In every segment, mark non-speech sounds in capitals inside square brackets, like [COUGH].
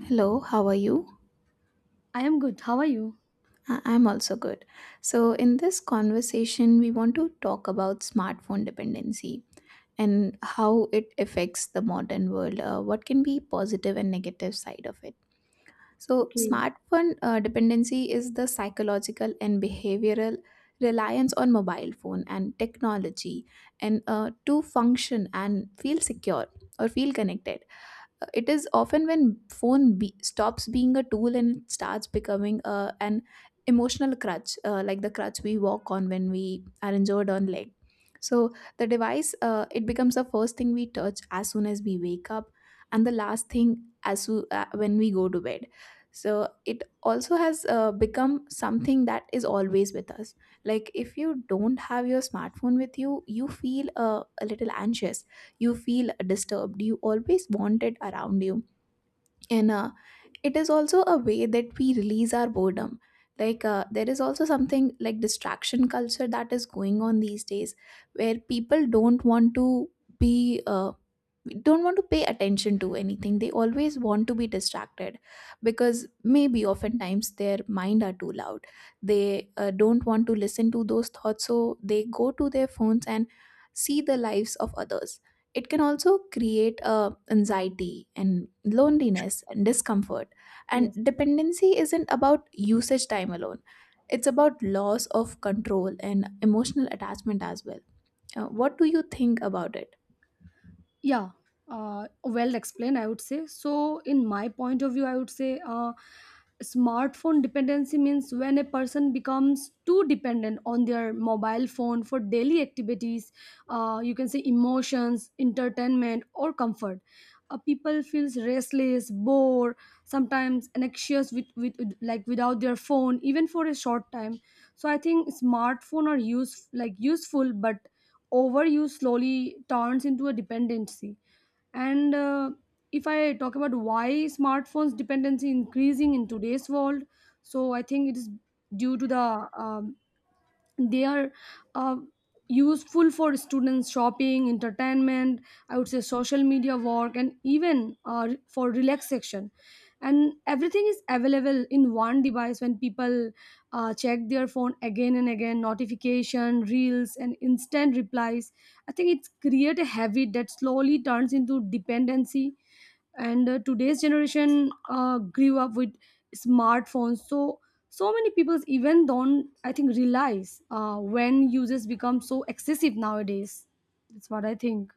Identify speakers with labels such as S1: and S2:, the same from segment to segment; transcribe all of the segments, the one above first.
S1: Hello, how are you?
S2: I am good. How are you?
S1: I'm also good. So, in this conversation, we want to talk about smartphone dependency and how it affects the modern world. What can be positive and negative side of it? So,
S2: Okay,
S1: smartphone dependency is the psychological and behavioral reliance on mobile phone and technology, and to function and feel secure or feel connected. It is often when stops being a tool and it starts becoming an emotional crutch, like the crutch we walk on when we are injured on leg. So the device, it becomes the first thing we touch as soon as we wake up, and the last thing when we go to bed. So it also has become something that is always with us. Like, if you don't have your smartphone with you, you feel a little anxious, you feel disturbed, you always want it around you. And it is also a way that we release our boredom. Like, there is also something like distraction culture that is going on these days, where people don't want to be don't want to pay attention to anything, they always want to be distracted, because maybe oftentimes their mind are too loud. They don't want to listen to those thoughts, so they go to their phones and see the lives of others. It can also create anxiety and loneliness and discomfort. And
S2: yes.
S1: dependency isn't about usage time alone, it's about loss of control and emotional attachment as well. What do you think about it?
S2: Yeah, well explained, I would say. So, in my point of view, I would say smartphone dependency means when a person becomes too dependent on their mobile phone for daily activities, you can say emotions, entertainment, or comfort. People feels restless, bored, sometimes anxious like without their phone, even for a short time. So I think smartphone are use like useful, but overuse slowly turns into a dependency. And if I talk about why smartphones dependency increasing in today's world, so I think it is due to the they are uh, useful for students, shopping, entertainment, I would say, social media, work, and even for relaxation. And everything is available in one device. When people check their phone again and again, notification, reels, and instant replies, I think it's create a habit that slowly turns into dependency. And today's generation grew up with smartphones, so so many people even don't, I think, realize when uses become so excessive nowadays. That's what I think.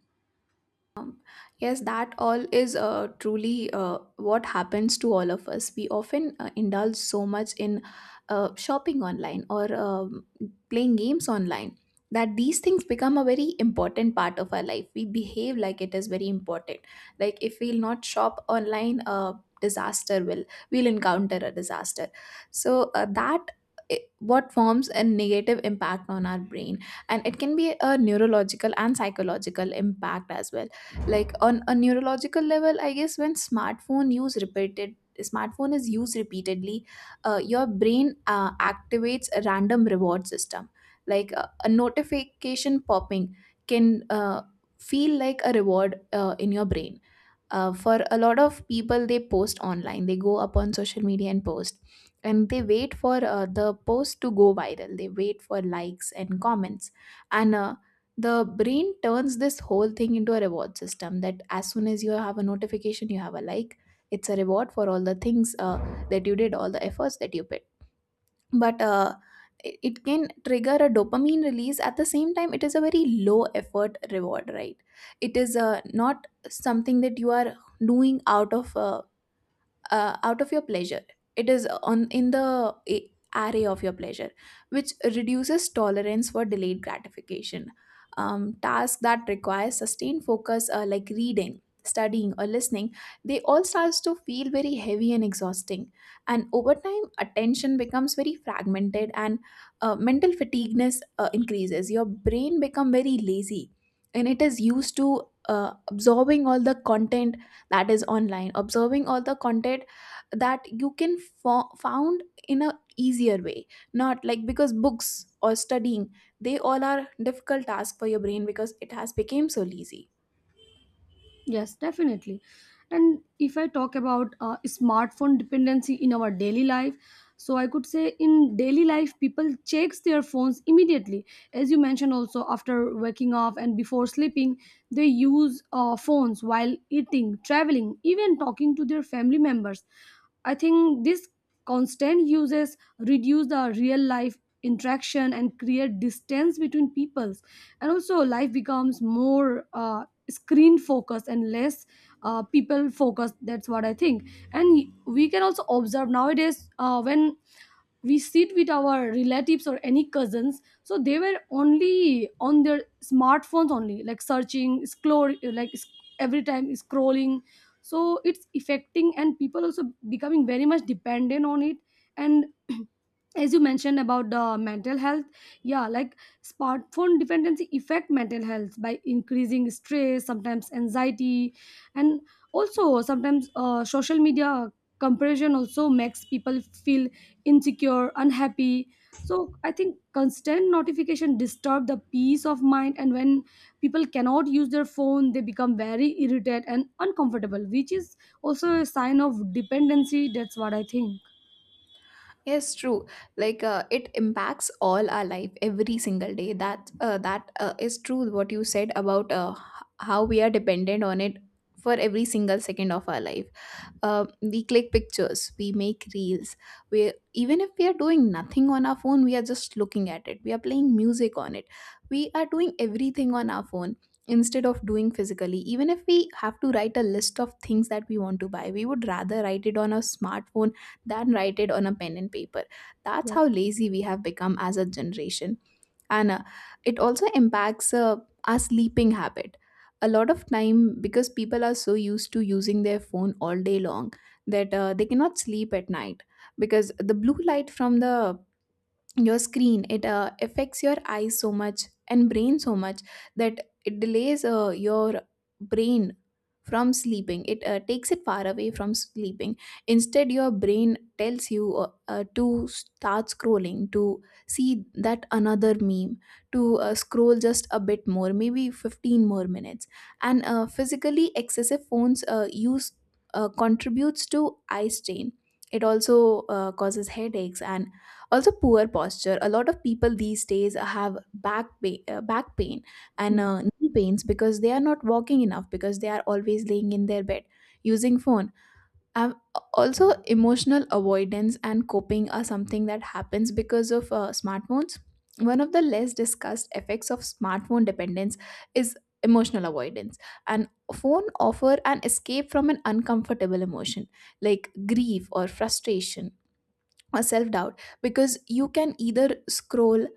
S1: Um, yes, that all is truly what happens to all of us. We often indulge so much in shopping online or playing games online, that these things become a very important part of our life. We behave like it is very important. Like, if we'll not shop online, a disaster will we'll encounter a disaster. So that what forms a negative impact on our brain, and it can be a neurological and psychological impact as well. Like, on a neurological level, I guess, when smartphone use repeated smartphone is used repeatedly, your brain activates a random reward system. Like, a notification popping can feel like a reward in your brain. For a lot of people, they post online, they go up on social media and post, and they wait for the post to go viral, they wait for likes and comments. And the brain turns this whole thing into a reward system, that as soon as you have a notification, you have a like, it's a reward for all the things that you did, all the efforts that you put. But it can trigger a dopamine release. At the same time, it is a very low effort reward, right? It is not something that you are doing out of your pleasure. It is on in the array of your pleasure, which reduces tolerance for delayed gratification. Tasks that require sustained focus, like reading, studying or listening, they all starts to feel very heavy and exhausting. And over time attention becomes very fragmented, and mental fatigueness increases, your brain become very lazy, and it is used to absorbing all the content that is online, observing all the content that you can found in a easier way. Not like because books or studying, they all are difficult task for your brain because it has become so lazy.
S2: Yes, definitely. And if I talk about smartphone dependency in our daily life, so I could say in daily life people checks their phones immediately. As you mentioned also after waking up and before sleeping, they use phones while eating, traveling, even talking to their family members. I think this constant uses reduce the real life interaction and create distance between peoples. And also life becomes more screen focused and less people focused, that's what I think. And we can also observe nowadays when we sit with our relatives or any cousins, so they were only on their smartphones, only like searching, scroll, like every time scrolling. So it's affecting, and people also becoming very much dependent on it. And [CLEARS THROAT] as you mentioned about the mental health, yeah, like smartphone dependency affect mental health by increasing stress, sometimes anxiety. And also sometimes social media comparison also makes people feel insecure, unhappy. So I think constant notification disturb the peace of mind. And when people cannot use their phone, they become very irritated and uncomfortable, which is also a sign of dependency, that's what I think.
S1: Yes, true. Like, it impacts all our life every single day. That is true what you said about how we are dependent on it for every single second of our life. We click pictures, we make reels, we, even if we are doing nothing on our phone, we are just looking at it, we are playing music on it, we are doing everything on our phone instead of doing physically. Even if we have to write a list of things that we want to buy, we would rather write it on a smartphone than write it on a pen and paper. That's
S2: Yes.
S1: how lazy we have become as a generation. And it also impacts our sleeping habit. A lot of time, because people are so used to using their phone all day long, that they cannot sleep at night, because the blue light from the your screen, it affects your eyes so much and brain so much, that it delays your brain from sleeping, it takes it far away from sleeping. Instead, your brain tells you to start scrolling, to see that another meme, to scroll just a bit more, maybe 15 more minutes. And physically, excessive phones use contributes to eye strain. It also causes headaches, and also poor posture. A lot of people these days have back pain and
S2: Hmm.
S1: knee pains, because they are not walking enough, because they are always laying in their bed using phone. um, Also, emotional avoidance and coping are something that happens because of smartphones. One of the less discussed effects of smartphone dependence is emotional avoidance. And phone offer an escape from an uncomfortable emotion, like grief or frustration or self doubt, because you can either scroll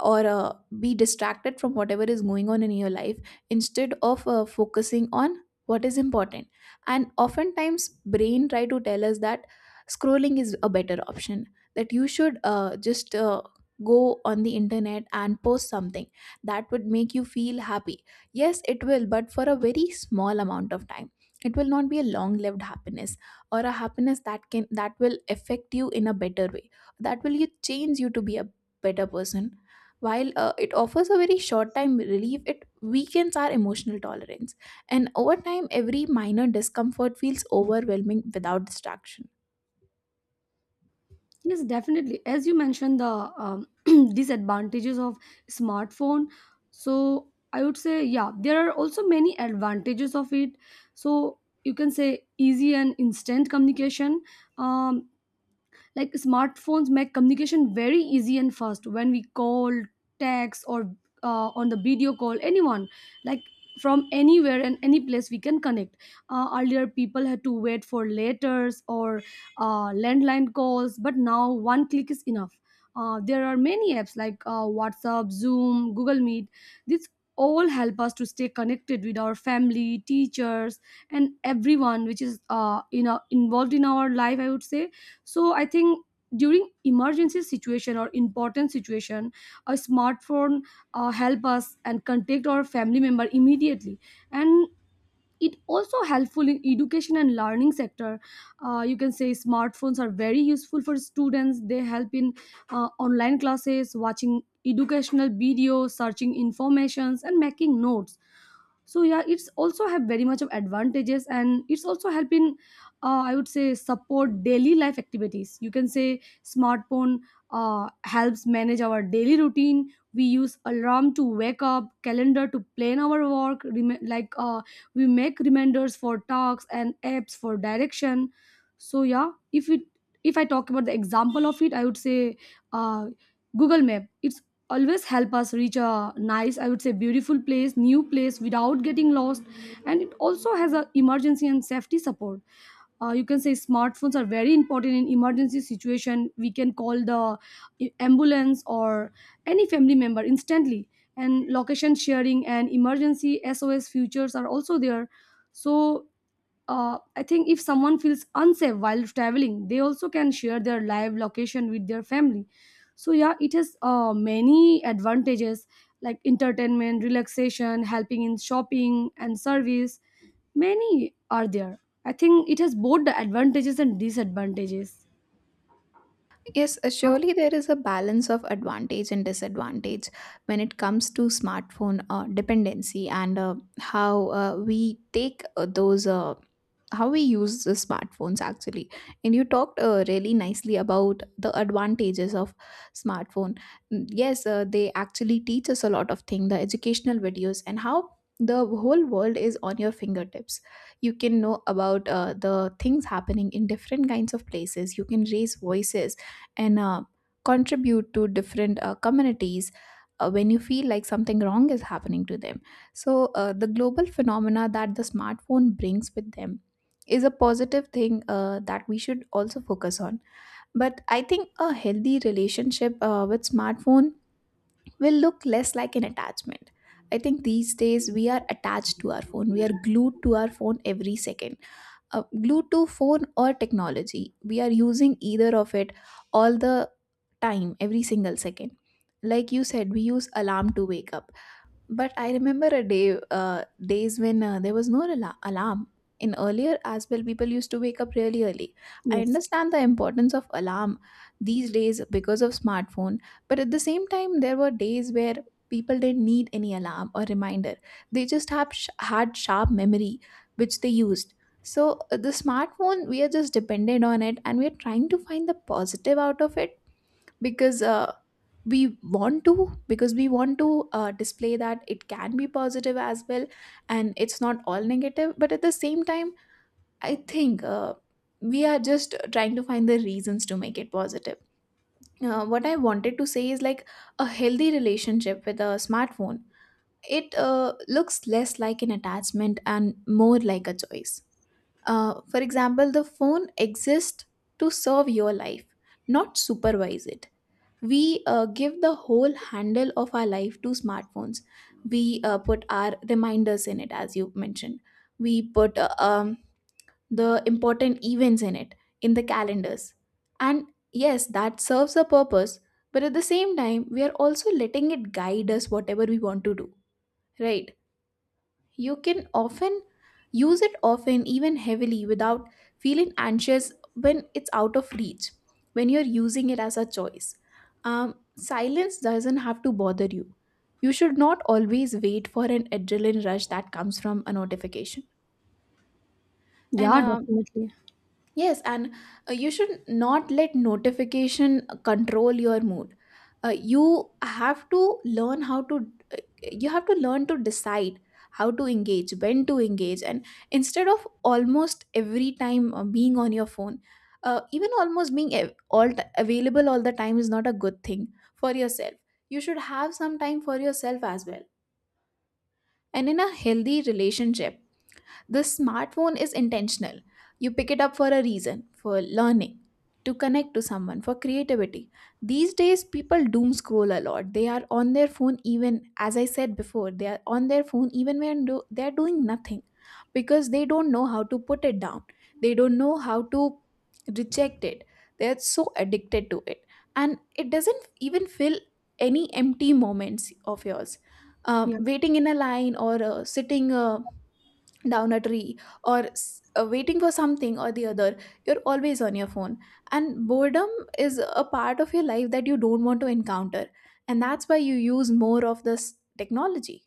S1: or be distracted from whatever is going on in your life, instead of focusing on what is important. And oftentimes brain try to tell us that scrolling is a better option, that you should just go on the internet and post something that would make you feel happy. Yes, it will, but for a very small amount of time. It will not be a long lived happiness, or a happiness that can that will affect you in a better way, that will you change you to be a better person. While it offers a very short time relief, it weakens our emotional tolerance. And over time, every minor discomfort feels overwhelming without distraction.
S2: Yes, definitely. As you mentioned, the um, [CLEARS THROAT] disadvantages of smartphone. So I would say, yeah, there are also many advantages of it. So you can say easy and instant communication. Um, like smartphones make communication very easy and fast. When we call, text, or on the video call anyone, like from anywhere and any place we can connect. Earlier people had to wait for letters or landline calls, but now one click is enough. There are many apps like WhatsApp, Zoom, Google Meet. These all help us to stay connected with our family, teachers, and everyone which is involved in our life, I would say. So I think during emergency situation or important situation, a smartphone help us and contact our family member immediately. And it also helpful in education and learning sector. You can say smartphones are very useful for students. They help in online classes, watching educational videos, searching informations, and making notes. So yeah, it's also have very much of advantages. And it's also helping I would say support daily life activities. You can say smartphone helps manage our daily routine. We use alarm to wake up, calendar to plan our work, we make reminders for tasks and apps for direction. So yeah, if I talk about the example of it, I would say uh, Google Map, it's always help us reach a nice, I would say, beautiful place, new place, without getting lost. And it also has a emergency and safety support. You can say smartphones are very important in emergency situation. We can call the ambulance or any family member instantly. And location sharing and emergency SOS features are also there. So I think if someone feels unsafe while traveling, they also can share their live location with their family. So yeah, it has many advantages like entertainment, relaxation, helping in shopping and service. Many are there. I think it has both the advantages and disadvantages.
S1: Yes,
S2: Wow.
S1: surely there is a balance of advantage and disadvantage when it comes to smartphone dependency, and how we take those how we use the smartphones actually. And you talked really nicely about the advantages of smartphone. Mm, yes, they actually teach us a lot of things, the educational videos, and how the whole world is on your fingertips. You can know about the things happening in different kinds of places, you can raise voices and contribute to different communities, when you feel like something wrong is happening to them. So the global phenomena that the smartphone brings with them is a positive thing that we should also focus on. But I think a healthy relationship with smartphone will look less like an attachment. I think these days we are attached to our phone, we are glued to our phone every second, glued to phone or technology, we are using either of it all the time, every single second. Like you said, we use alarm to wake up, but I remember a day, days when there was no alarm. In earlier as well, people used to wake up really early. I
S2: Yes.
S1: understand the importance of alarm these days because of smartphone, but at the same time, there were days where people didn't need any alarm or reminder. They just had sharp memory, which they used. So the smartphone, we are just dependent on it, and we are trying to find the positive out of it because. We want to display that it can be positive as well and it's not all negative, but at the same time I think we are just trying to find the reasons to make it positive. What I wanted to say is like a healthy relationship with a smartphone, it looks less like an attachment and more like a choice. For example, the phone exists to serve your life, not supervise it. We give the whole handle of our life to smartphones. We put our reminders in it, as you mentioned. We put the important events in it, in the calendars. And yes, that serves a purpose, but at the same time we are also letting it guide us whatever we want to do, right? You can often use it often, even heavily, without feeling anxious when it's out of reach, when you're using it as a choice. Silence doesn't have to bother you. You should not always wait for an adrenaline rush that comes from a notification. and
S2: Yeah,
S1: um,
S2: definitely.
S1: yes and uh, you should not let notification control your mood. You have to learn how to you have to learn to decide how to engage, when to engage, and instead of almost every time being on your phone. Even almost being available all the time is not a good thing for yourself. You should have some time for yourself as well. And in a healthy relationship, the smartphone is intentional. You pick it up for a reason, for learning, to connect to someone, for creativity. These days, people doom scroll a lot. They are on their phone even, as I said before, they are on their phone even they are doing nothing because they don't know how to put it down. They don't know how to reject it. They are so addicted to it. And it doesn't even fill any empty moments of yours.
S2: Yeah.
S1: Waiting in a line, or sitting down a tree, or waiting for something or the other, you're always on your phone. And boredom is a part of your life that you don't want to encounter, and that's why you use more of this technology.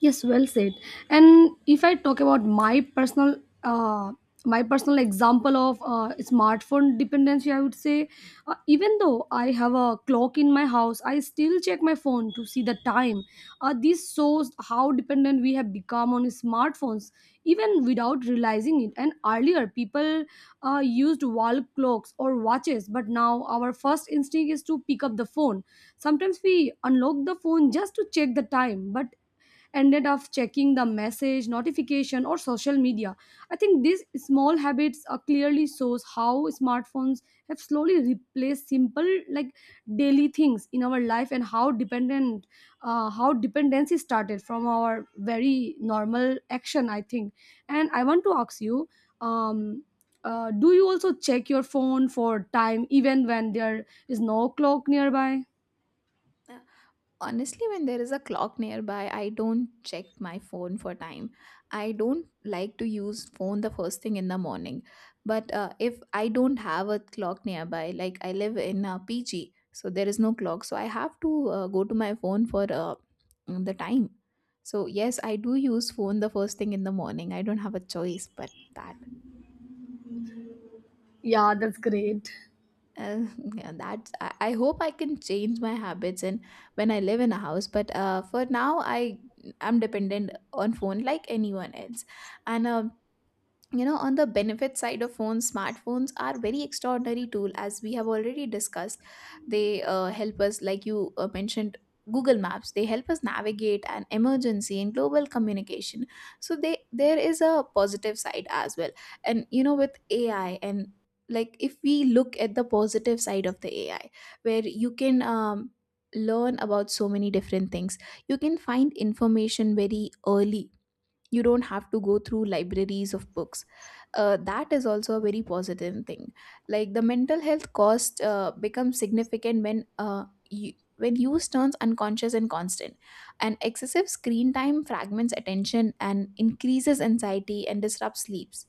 S2: Yes, well said. And if I talk about uh, my personal example of smartphone dependency, I would say, even though I have a clock in my house, I still check my phone to see the time. This shows how dependent we have become on smartphones, even without realizing it. And earlier, people used wall clocks or watches, but now our first instinct is to pick up the phone. Sometimes we unlock the phone just to check the time, but ended up checking the message notification or social media. I think these small habits are clearly shows how smartphones have slowly replaced simple, like, daily things in our life. And how dependent, how dependency started from our very normal action, I think. And I want to ask you, um, do you also check your phone for time even when there is no clock nearby?
S1: Honestly, when there is a clock nearby, I don't check my phone for time. I don't like to use phone the first thing in the morning, but if I don't have a clock nearby, like I live in a pg so there is no clock, so I have to go to my phone for the time. So yes, I do use phone the first thing in the morning. I don't have a choice but that.
S2: Yeah, that's great.
S1: Uh, [LAUGHS] yeah, that's. I hope I can change my habits and when I live in a house. But for now, I'm dependent on phone like anyone else, and you know, on the benefit side of phones, smartphones are very extraordinary tool, as we have already discussed. They help us, like you mentioned, google maps. They help us navigate an emergency and global communication. So they there is a positive side as well. And you know, with ai, and like if we look at the positive side of the ai, where you can learn about so many different things, you can find information very early, you don't have to go through libraries of books. That is also a very positive thing. Like the mental health cost becomes significant when when use turns unconscious and constant, and excessive screen time fragments attention and increases anxiety and disrupts sleeps.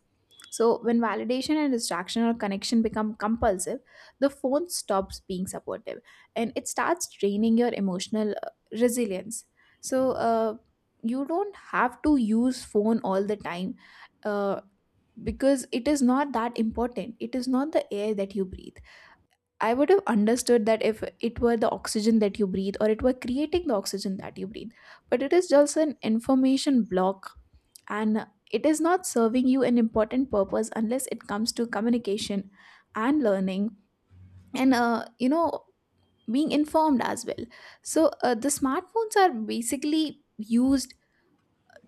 S1: So when validation and distraction or connection become compulsive, the phone stops being supportive, and it starts draining your emotional resilience. So you don't have to use phone all the time, uh, because it is not that important. It is not the air that you breathe. I would have understood that if it were the oxygen that you breathe, or it were creating the oxygen that you breathe. But it is just an information block, and it is not serving you an important purpose unless it comes to communication and learning, and you know, being informed as well. So the smartphones are basically used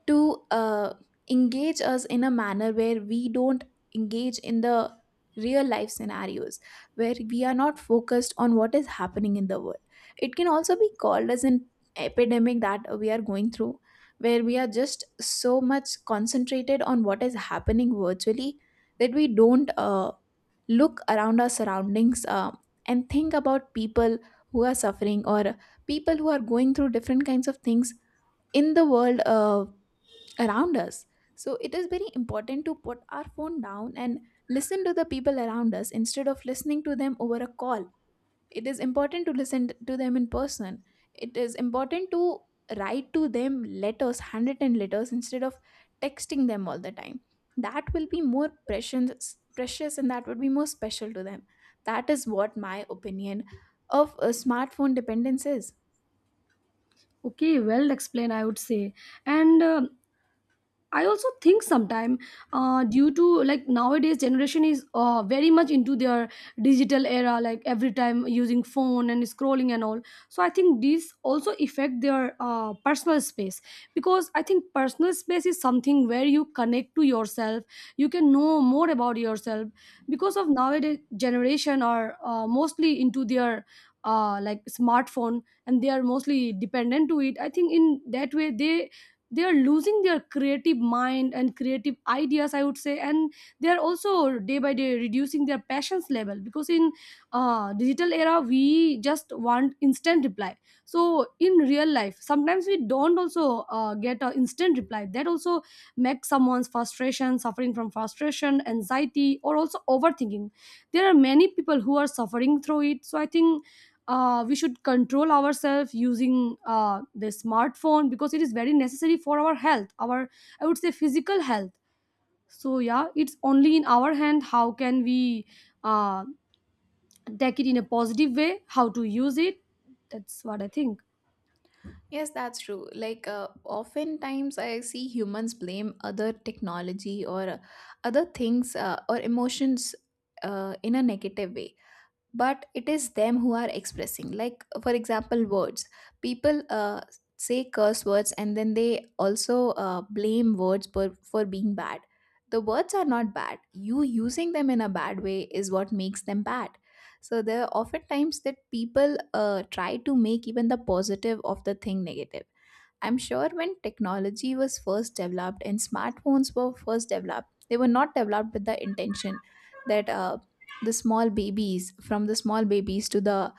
S1: to engage us in a manner where we don't engage in the real life scenarios, where we are not focused on what is happening in the world. It can also be called as an epidemic that we are going through, where we are just so much concentrated on what is happening virtually, that we don't look around our surroundings, and think about people who are suffering, or people who are going through different kinds of things in the world around us. So it is very important to put our phone down and listen to the people around us instead of listening to them over a call. It is important to listen to them in person. It is important to write to them letters, handwritten letters, instead of texting them all the time. That will be more precious, precious, and that would be more special to them. That is what my opinion of a smartphone dependence is.
S2: Okay, well explained, I would say. And I also think sometime due to, like, nowadays generation is very much into their digital era, like every time using phone and scrolling and all. So I think these also affect their personal space. Because I think personal space is something where you connect to yourself, you can know more about yourself. Because of nowadays generation are mostly into their like smartphone, and they are mostly dependent to it, I think, in that way they are losing their creative mind and creative ideas, I would say. And they are also day by day reducing their passions level, because in digital era we just want instant reply. So in real life sometimes we don't also get an instant reply, that also makes someone's frustration, suffering from frustration, anxiety, or also overthinking. There are many people who are suffering through it. So I think we should control ourselves using the smartphone, because it is very necessary for our health, our, I would say, physical health. So yeah, it's only in our hand, how can we uh, take it in a positive way, how to use it, that's what I think.
S1: Yes, that's true. Like, oftentimes I see humans blame other technology or other things or emotions in a negative way, but it is them who are expressing. Like for example, words. People say curse words and then they also blame words for being bad. The words are not bad. You using them in a bad way is what makes them bad. So there are often times that people try to make even the positive of the thing negative. I'm sure when technology was first developed and smartphones were first developed, they were not developed with the intention that the small babies, from the small babies to the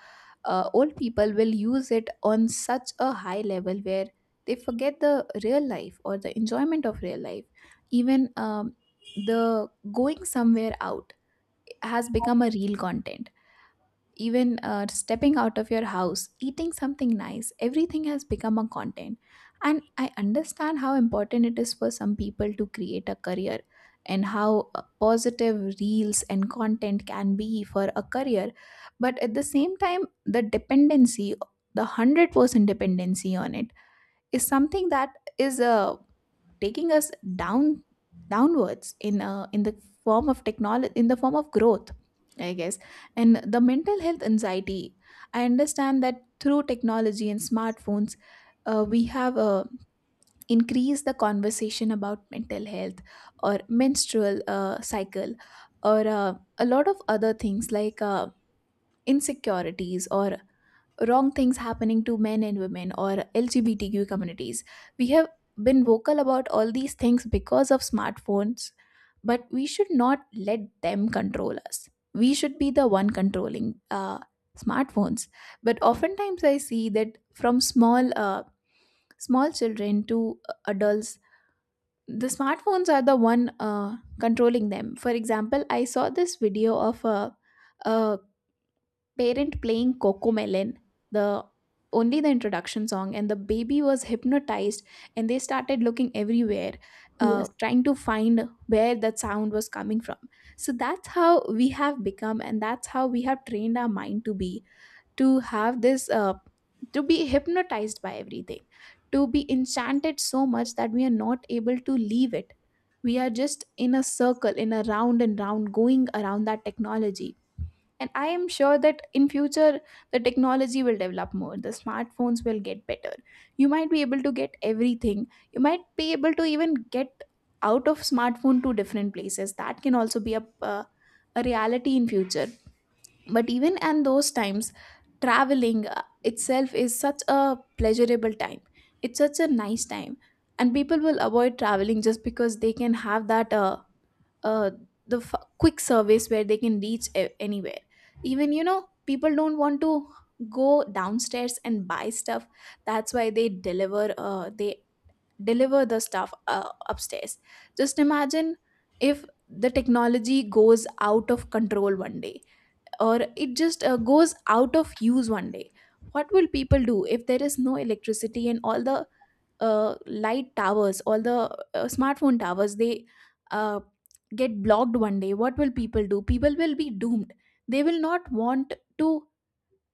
S1: old people, will use it on such a high level where they forget the real life or the enjoyment of real life. Even the going somewhere out has become a real content. Even stepping out of your house, eating something nice, everything has become a content. And I understand how important it is for some people to create a career, and how positive reels and content can be for a career. But at the same time, the dependency, the 100% dependency on it, is something that is a taking us down, downwards in the form of technology, in the form of growth, I guess. And the mental health anxiety, I understand that through technology and smartphones, we have increased the conversation about mental health, or menstrual cycle, or a lot of other things, like insecurities, or wrong things happening to men and women, or LGBTQ communities. We have been vocal about all these things because of smartphones, but we should not let them control us. We should be the one controlling smartphones. But oftentimes, I see that from small children to adults, the smartphones are the one controlling them. For example, I saw this video of a parent playing Cocomelon, the only the introduction song, and the baby was hypnotized, and they started looking everywhere,
S2: Yes.
S1: trying to find where that sound was coming from. So that's how we have become, and that's how we have trained our mind to be, to have this, to be hypnotized by everything, to be enchanted so much that we are not able to leave it. We are just in a circle, in a round and round, going around that technology. And I am sure that in future the technology will develop more, the smartphones will get better. You might be able to get everything. You might be able to even get out of smartphone to different places. That can also be a reality in future. But even and those times, traveling itself is such a pleasurable time. It's such a nice time. And people will avoid traveling just because they can have that uh, the quick service where they can reach anywhere. Even you know, people don't want to go downstairs and buy stuff. That's why they deliver. They deliver the stuff upstairs. Just imagine if the technology goes out of control one day, or it just goes out of use one day. What will people do if there is no electricity and all the light towers, all the smartphone towers, they uh, get blocked one day, what will people do? People will be doomed. They will not want to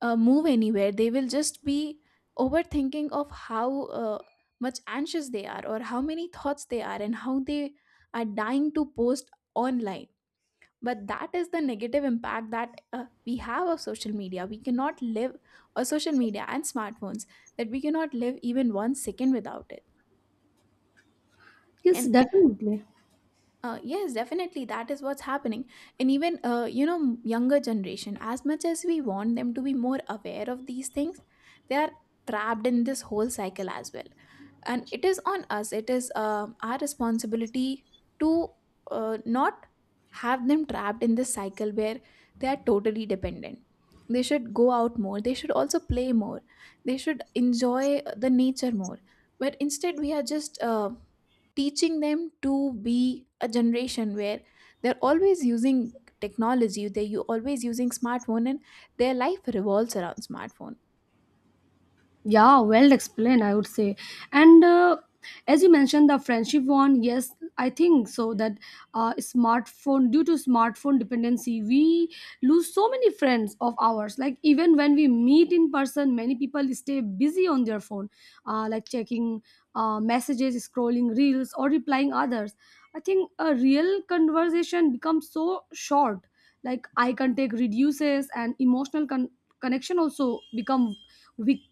S1: move anywhere. They will just be overthinking of how much anxious they are, or how many thoughts they are, and how they are dying to post online. But that is the negative impact that we have of social media. We cannot live, or social media and smartphones, that we cannot live even one second without it.
S2: Yes,
S1: And
S2: definitely.
S1: yes, definitely that is what's happening. And even you know, younger generation, as much as we want them to be more aware of these things, they are trapped in this whole cycle as well. And it is on us, it is our responsibility to not have them trapped in this cycle where they are totally dependent. They should go out more, they should also play more, they should enjoy the nature more. But instead we are just teaching them to be a generation where they're always using technology. They You always using smartphone, and their life revolves around smartphone.
S2: Yeah, well explained, I would say. And as you mentioned, the friendship one, yes, I think so that smartphone, due to smartphone dependency, we lose so many friends of ours. Like even when we meet in person, many people stay busy on their phone, like checking messages, scrolling reels, or replying others. I think a real conversation becomes so short, like eye contact reduces, and emotional connection also become weak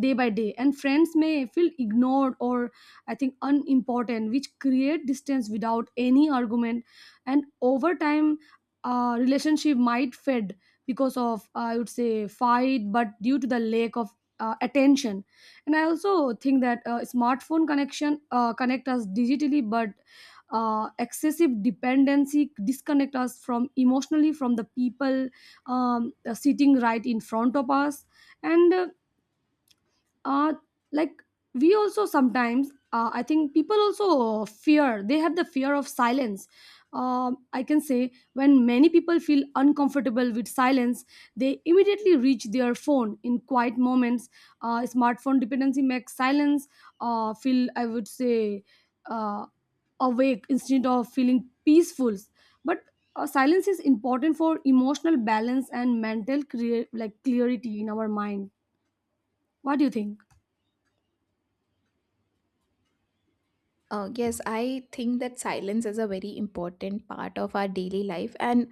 S2: day by day. And friends may feel ignored or, I think, unimportant, which create distance without any argument. And over time relationship might fade, because of, I would say, fight, but due to the lack of attention. And I also think that smartphone connection connect us digitally, but excessive dependency disconnect us from emotionally from the people sitting right in front of us. And uh like, we also sometimes I think people also fear, they have the fear of silence. I can say when many people feel uncomfortable with silence, they immediately reach their phone in quiet moments. Smartphone dependency makes silence feel, I would say, uh, awake, instead of feeling peaceful. But silence is important for emotional balance and mental clear, like clarity in our mind. What do you think?
S1: Yes, I think that silence is a very important part of our daily life, and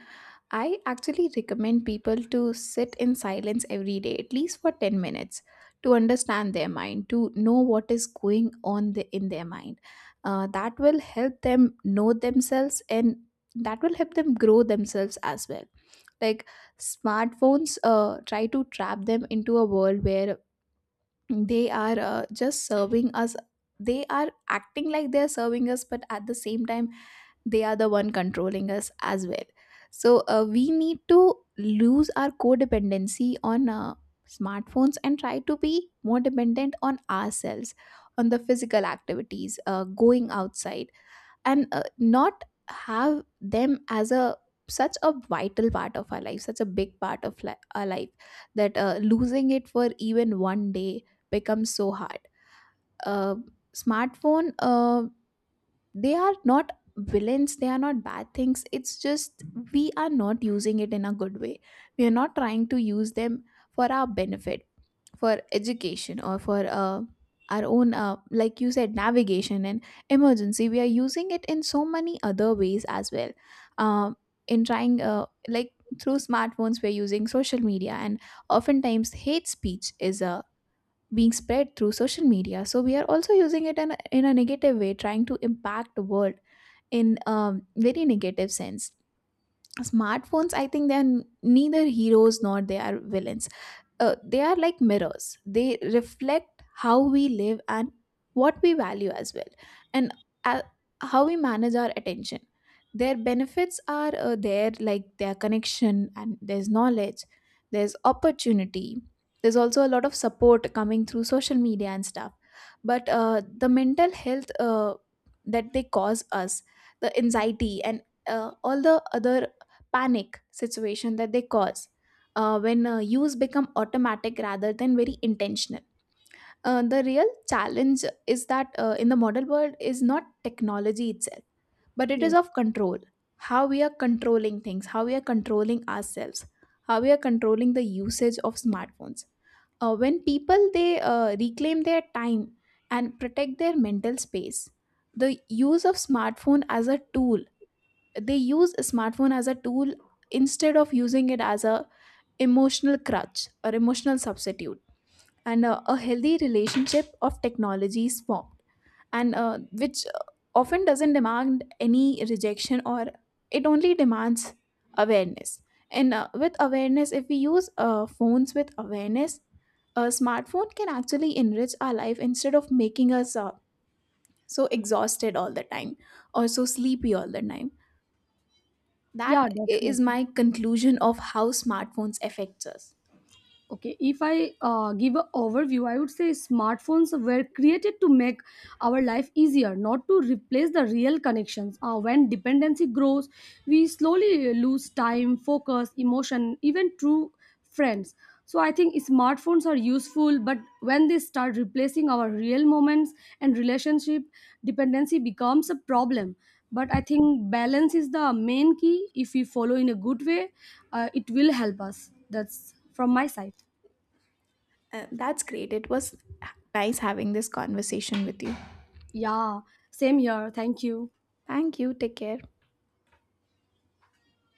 S1: I actually recommend people to sit in silence every day, at least for 10 minutes, to understand their mind, to know what is going in their mind. That will help them know themselves, and that will help them grow themselves as well. Like smartphones try to trap them into a world where they are just serving us. They are acting like they're serving us, but at the same time they are the one controlling us as well. So we need to lose our codependency on smartphones, and try to be more dependent on ourselves, on the physical activities, going outside, and not have them as a such a vital part of our life, such a big part of our life, that losing it for even one day becomes so hard. Uh, smartphone uh, they are not villains, they are not bad things. It's just we are not using it in a good way. We are not trying to use them for our benefit, for education, or for our own like you said, navigation and emergency. We are using it in so many other ways as well. um, in trying like through smartphones, we're using social media, and oftentimes hate speech is being spread through social media, so we are also using it in in a negative way, trying to impact the world in a very negative sense. Smartphones, I think they're neither heroes nor they are villains. They are like mirrors, they reflect how we live and what we value as well, and uh, how we manage our attention. Their benefits are there, like their connection and there's knowledge, there's opportunity, there's also a lot of support coming through social media and stuff. But the mental health that they cause us, the anxiety, and all the other panic situation that they cause, when use become automatic rather than very intentional. The real challenge is that in the model world is not technology itself, but it is
S2: Yes.
S1: of control. How we are controlling things, how we are controlling ourselves, how we are controlling the usage of smartphones. When people they reclaim their time and protect their mental space, the use of smartphone as a tool they use a smartphone as a tool, instead of using it as a emotional crutch or emotional substitute, and a healthy relationship of technology is formed, and which often doesn't demand any rejection, or it only demands awareness. And with awareness, if we use phones with awareness, a smartphone can actually enrich our life, instead of making us so exhausted all the time, or so sleepy all the time. that
S2: Yeah,
S1: i- is
S2: definitely.
S1: my conclusion of how smartphones affects us.
S2: Okay, if I give an overview, I would say smartphones were created to make our life easier, not to replace the real connections. When dependency grows, we slowly lose time, focus, emotion, even true friends. So I think smartphones are useful, but when they start replacing our real moments and relationship, dependency becomes a problem. But I think balance is the main key, if we follow in a good way, it will help us. That's from my side.
S1: And that's great. It was nice having this conversation with you.
S2: Yeah, same here, thank you.
S1: Thank you, take care.